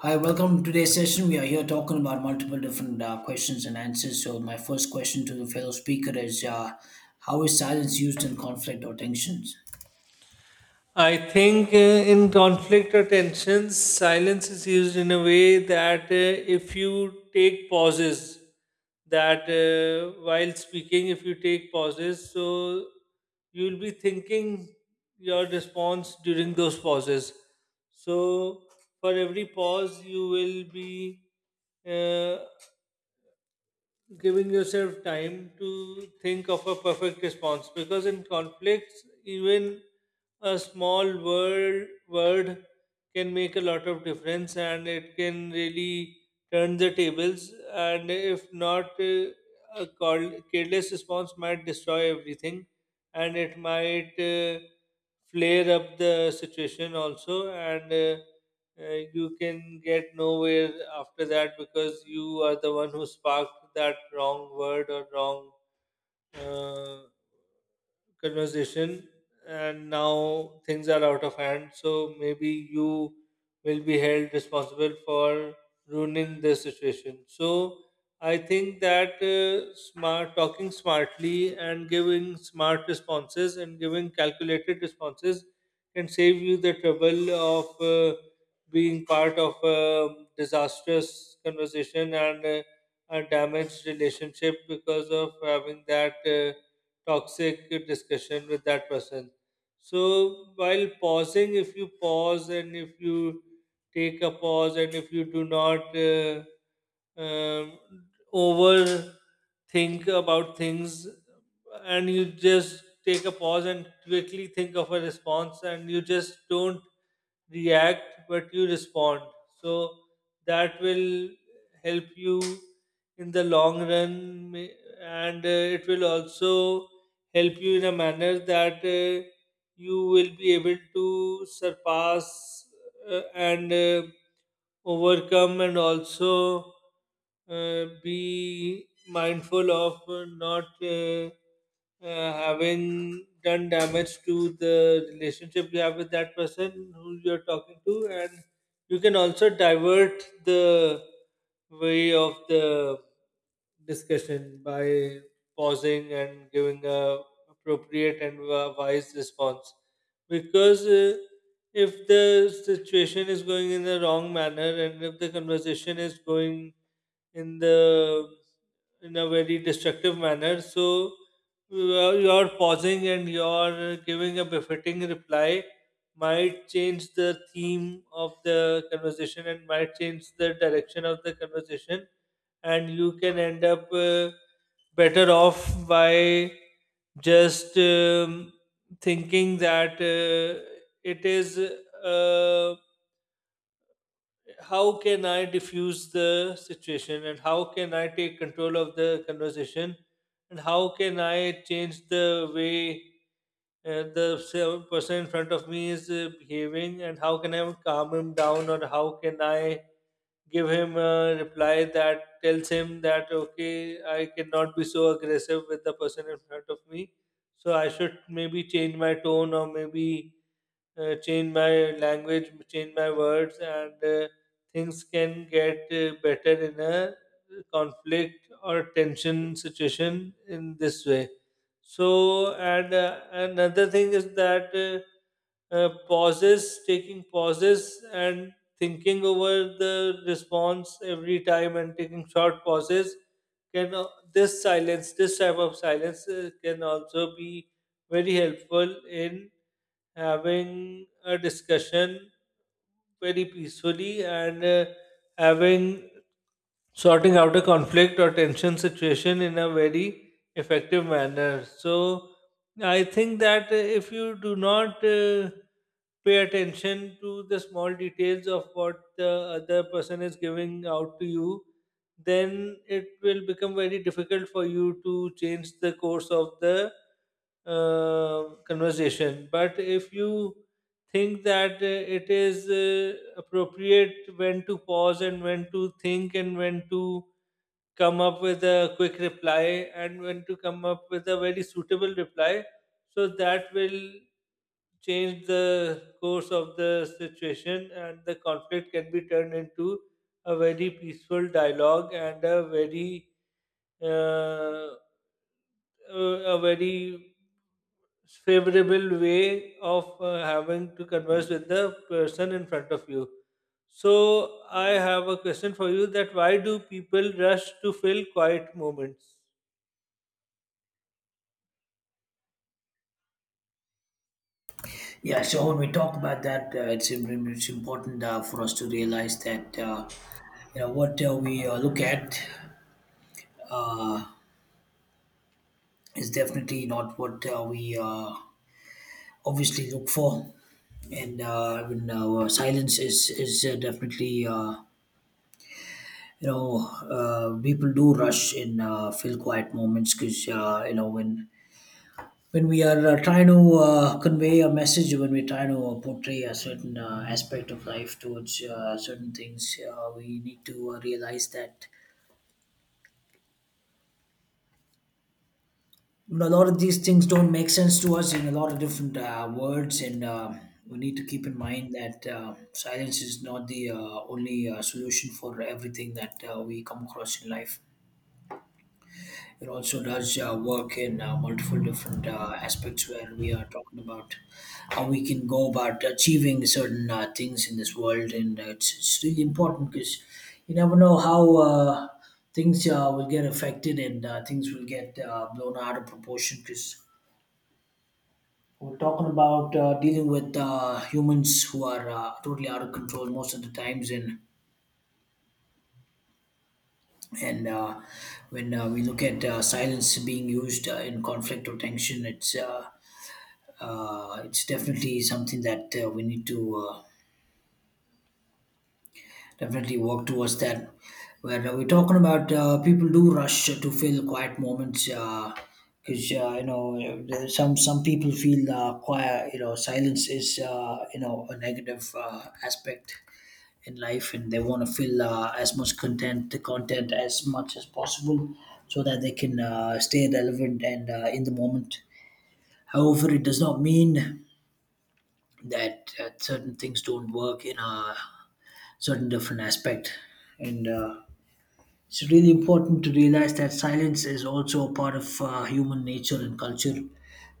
Hi, welcome to today's session. We are here talking about multiple different questions and answers. So, my first question to the fellow speaker is How is silence used in conflict or tensions? I think in conflict or tensions, silence is used in a way that if you take pauses, that while speaking, if you take pauses, so you'll be thinking your response during those pauses. So for every pause, you will be uh, giving yourself time to think of a perfect response because in conflicts even a small word can make a lot of difference and it can really turn the tables, and if not a careless response might destroy everything and it might flare up the situation also. And you can get nowhere after that because you are the one who sparked that wrong word or wrong uh, conversation, and now things are out of hand, so maybe you will be held responsible for ruining this situation. So I think that smart talking smartly and giving smart responses and giving calculated responses can save you the trouble of being part of a disastrous conversation and a damaged relationship because of having that toxic discussion with that person. So while pausing, if you pause and if you take a pause and if you do not um, overthink about things, and you just take a pause and quickly think of a response, and you just don't react but you respond. So that will help you in the long run and it will also help you in a manner that you will be able to surpass and overcome, and also be mindful of not having done damage to the relationship you have with that person who you're talking to. And you can also divert the way of the discussion by pausing and giving a appropriate and wise response, because if the situation is going in the wrong manner and if the conversation is going in the in a very destructive manner, so your pausing and your giving a befitting reply might change the theme of the conversation and might change the direction of the conversation, and you can end up better off by just thinking that it is how can I diffuse the situation and how can I take control of the conversation and how can I change the way the person in front of me is behaving, and how can I calm him down or how can I give him a reply that tells him that okay, I cannot be so aggressive with the person in front of me, so I should maybe change my tone or maybe change my language, change my words, and things can get better in a conflict or tension situation in this way. So, and another thing is that pauses, taking pauses, and thinking over the response every time and taking short pauses can this silence this type of silence can also be very helpful in having a discussion very peacefully, and having sorting out a conflict or tension situation in a very effective manner. So I think that if you do not pay attention to the small details of what the other person is giving out to you, then it will become very difficult for you to change the course of the conversation. But if you think that it is appropriate when to pause and when to think and when to come up with a quick reply and when to come up with a very suitable reply, so that will change the course of the situation, and the conflict can be turned into a very peaceful dialogue and uh, a very favorable way of having to converse with the person in front of you. So I have a question for you, that why do people rush to fill quiet moments? Yeah, so when we talk about that, it's, it's important for us to realize that you know what we look at is definitely not what we obviously look for. And when silence is definitely you know people do rush in feel quiet moments because you know when we are trying to convey a message when we're trying to portray a certain aspect of life towards certain things we need to realize that you know, a lot of these things don't make sense to us in a lot of different words and we need to keep in mind that silence is not the only solution for everything that we come across in life. It also does work in multiple different aspects where we are talking about how we can go about achieving certain things in this world, and it's really important because you never know how things will get affected and things will get blown out of proportion because we're talking about dealing with humans who are totally out of control most of the times and and uh, when we look at silence being used in conflict or tension it's definitely something that we need to definitely work towards that. Where we're talking about people do rush to fill quiet moments because you know there's some people feel quiet. You know, silence is you know a negative aspect in life, and they want to fill as much content as much as possible so that they can stay relevant and in the moment. However, it does not mean that certain things don't work in a certain different aspect, and it's really important to realize that silence is also a part of human nature and culture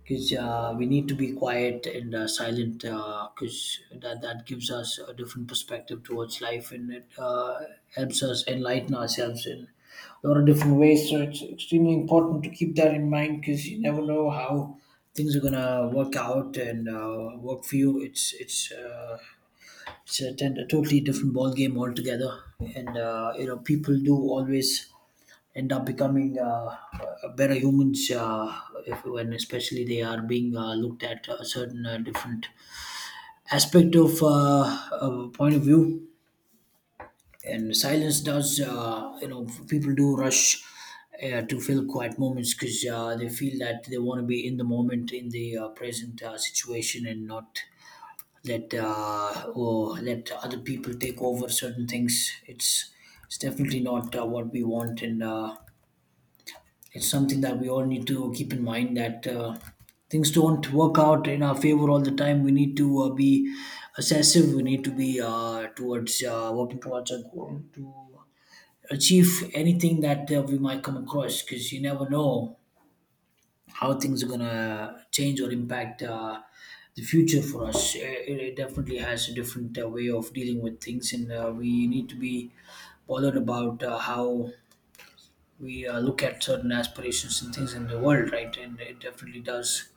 because we need to be quiet and silent because that gives us a different perspective towards life, and it helps us enlighten ourselves in a lot of different ways. So it's extremely important to keep that in mind because you never know how things are gonna work out and work for you. It's a totally different ball game altogether, and you know people do always end up becoming better humans if, when especially they are being looked at a certain different aspect of point of view, and silence does you know people do rush to fill quiet moments because they feel that they want to be in the moment in the present situation and not let let other people take over certain things. It's definitely not what we want, and it's something that we all need to keep in mind that things don't work out in our favor all the time. We need to be assessive. We need to be towards working towards a goal to achieve anything that we might come across because you never know how things are gonna change or impact the future for us. It definitely has a different way of dealing with things, and we need to be bothered about how we look at certain aspirations and things in the world, right? And it definitely does,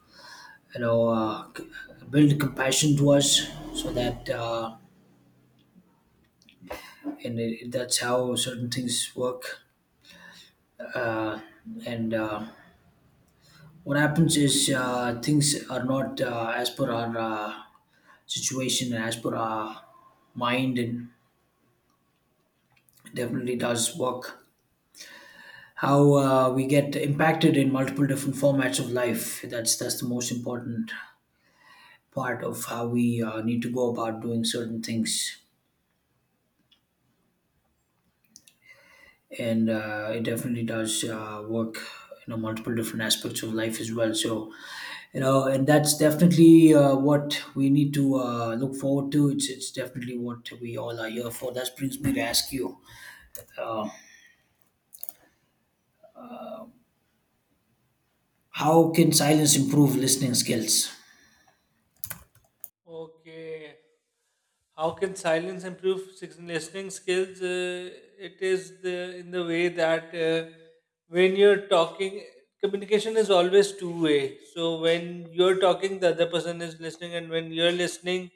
you know, build compassion to us, so that that's how certain things work, uh, and. What happens is things are not as per our situation and as per our mind, and definitely does work. How we get impacted in multiple different formats of life. That's the most important part of how we need to go about doing certain things, and it definitely does work in you know, multiple different aspects of life as well. So you know, and that's definitely what we need to look forward to. It's definitely what we all are here for. That brings me to ask you, how can silence improve listening skills? Okay. How can silence improve listening skills? It is the in the way that when you're talking, communication is always two way. So when you're talking, the other person is listening, and when you're listening,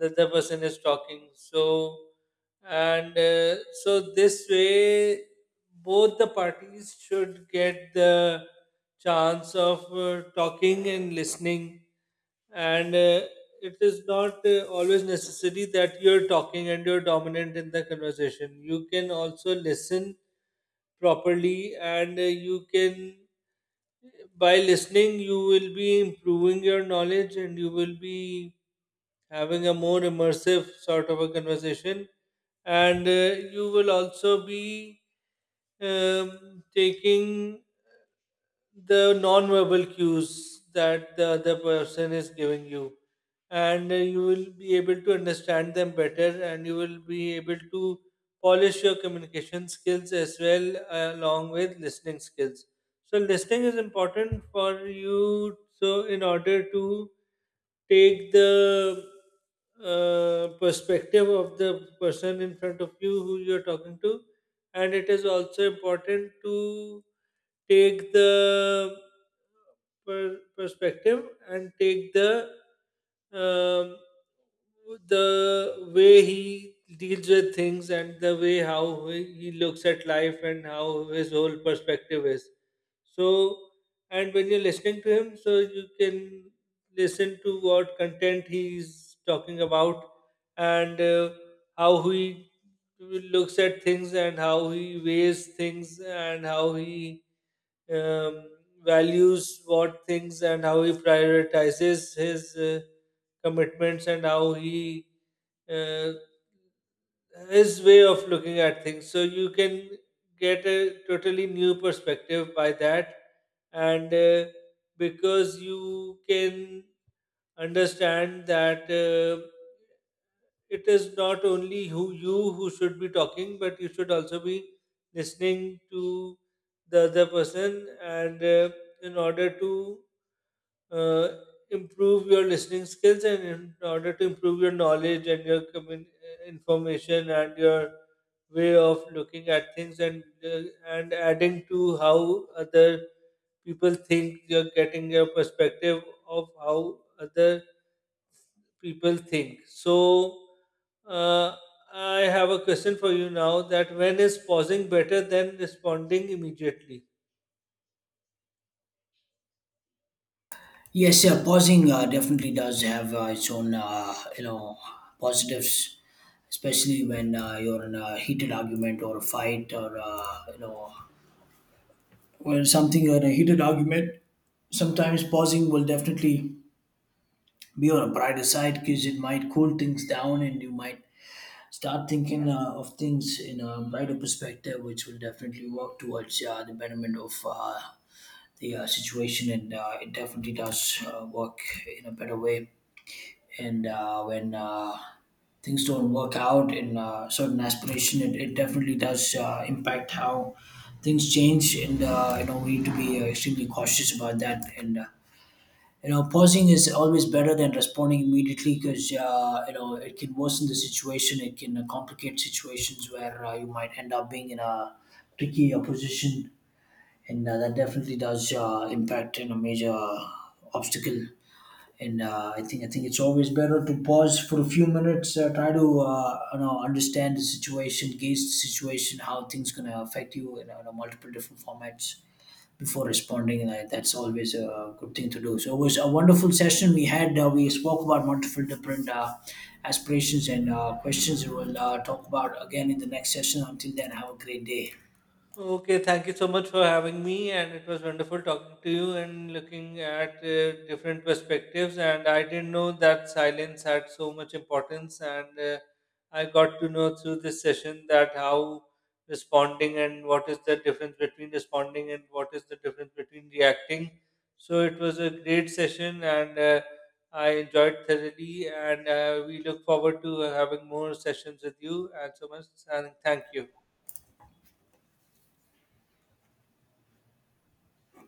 the other person is talking. So and so this way, both the parties should get the chance of talking and listening, and it is not always necessary that you're talking and you're dominant in the conversation. You can also listen properly, and you can, by listening you will be improving your knowledge, and you will be having a more immersive sort of a conversation, and you will also be taking the non-verbal cues that the other person is giving you, and you will be able to understand them better, and you will be able to polish your communication skills as well along with listening skills. So listening is important for you, so in order to take the perspective of the person in front of you who you're talking to. And it is also important to take the perspective and take um, the way he deals with things and the way how he looks at life and how his whole perspective is. So, and when you're listening to him, so you can listen to what content he's talking about and how he looks at things and how he weighs things and how he um, values what things and how he prioritizes his commitments and how he uh, his way of looking at things, so you can get a totally new perspective by that. And because you can understand that it is not only who should be talking, but you should also be listening to the other person, and in order to uh, improve your listening skills, and in order to improve your knowledge and your information and your way of looking at things, and adding to how other people think, you're getting your perspective of how other people think. So, uh, I have a question for you now, that when is pausing better than responding immediately? Yes, yeah, pausing definitely does have its own, you know, positives, especially when you're in a heated argument or a fight, or you know when something in a heated argument sometimes pausing will definitely be on a brighter side because it might cool things down and you might start thinking of things in a brighter perspective, which will definitely work towards the betterment of the situation, and it definitely does work in a better way. And when things don't work out in certain aspiration, it definitely does impact how things change, and you know we need to be extremely cautious about that. And you know, pausing is always better than responding immediately because you know it can worsen the situation. It can complicate situations where you might end up being in a tricky position, and that definitely does impact in a major obstacle. And I think it's always better to pause for a few minutes, try to you know understand the situation, gauge the situation, how things gonna affect you in, you know, multiple different formats before responding, that's always a good thing to do. So it was a wonderful session we had. We spoke about multiple different aspirations and questions. We'll talk about again in the next session. Until then, have a great day. Okay, thank you so much for having me, and it was wonderful talking to you and looking at different perspectives. And I didn't know that silence had so much importance, and I got to know through this session that how responding and what is the difference between responding and what is the difference between reacting. So it was a great session, and I enjoyed thoroughly. And we look forward to having more sessions with you. And so much, and thank you.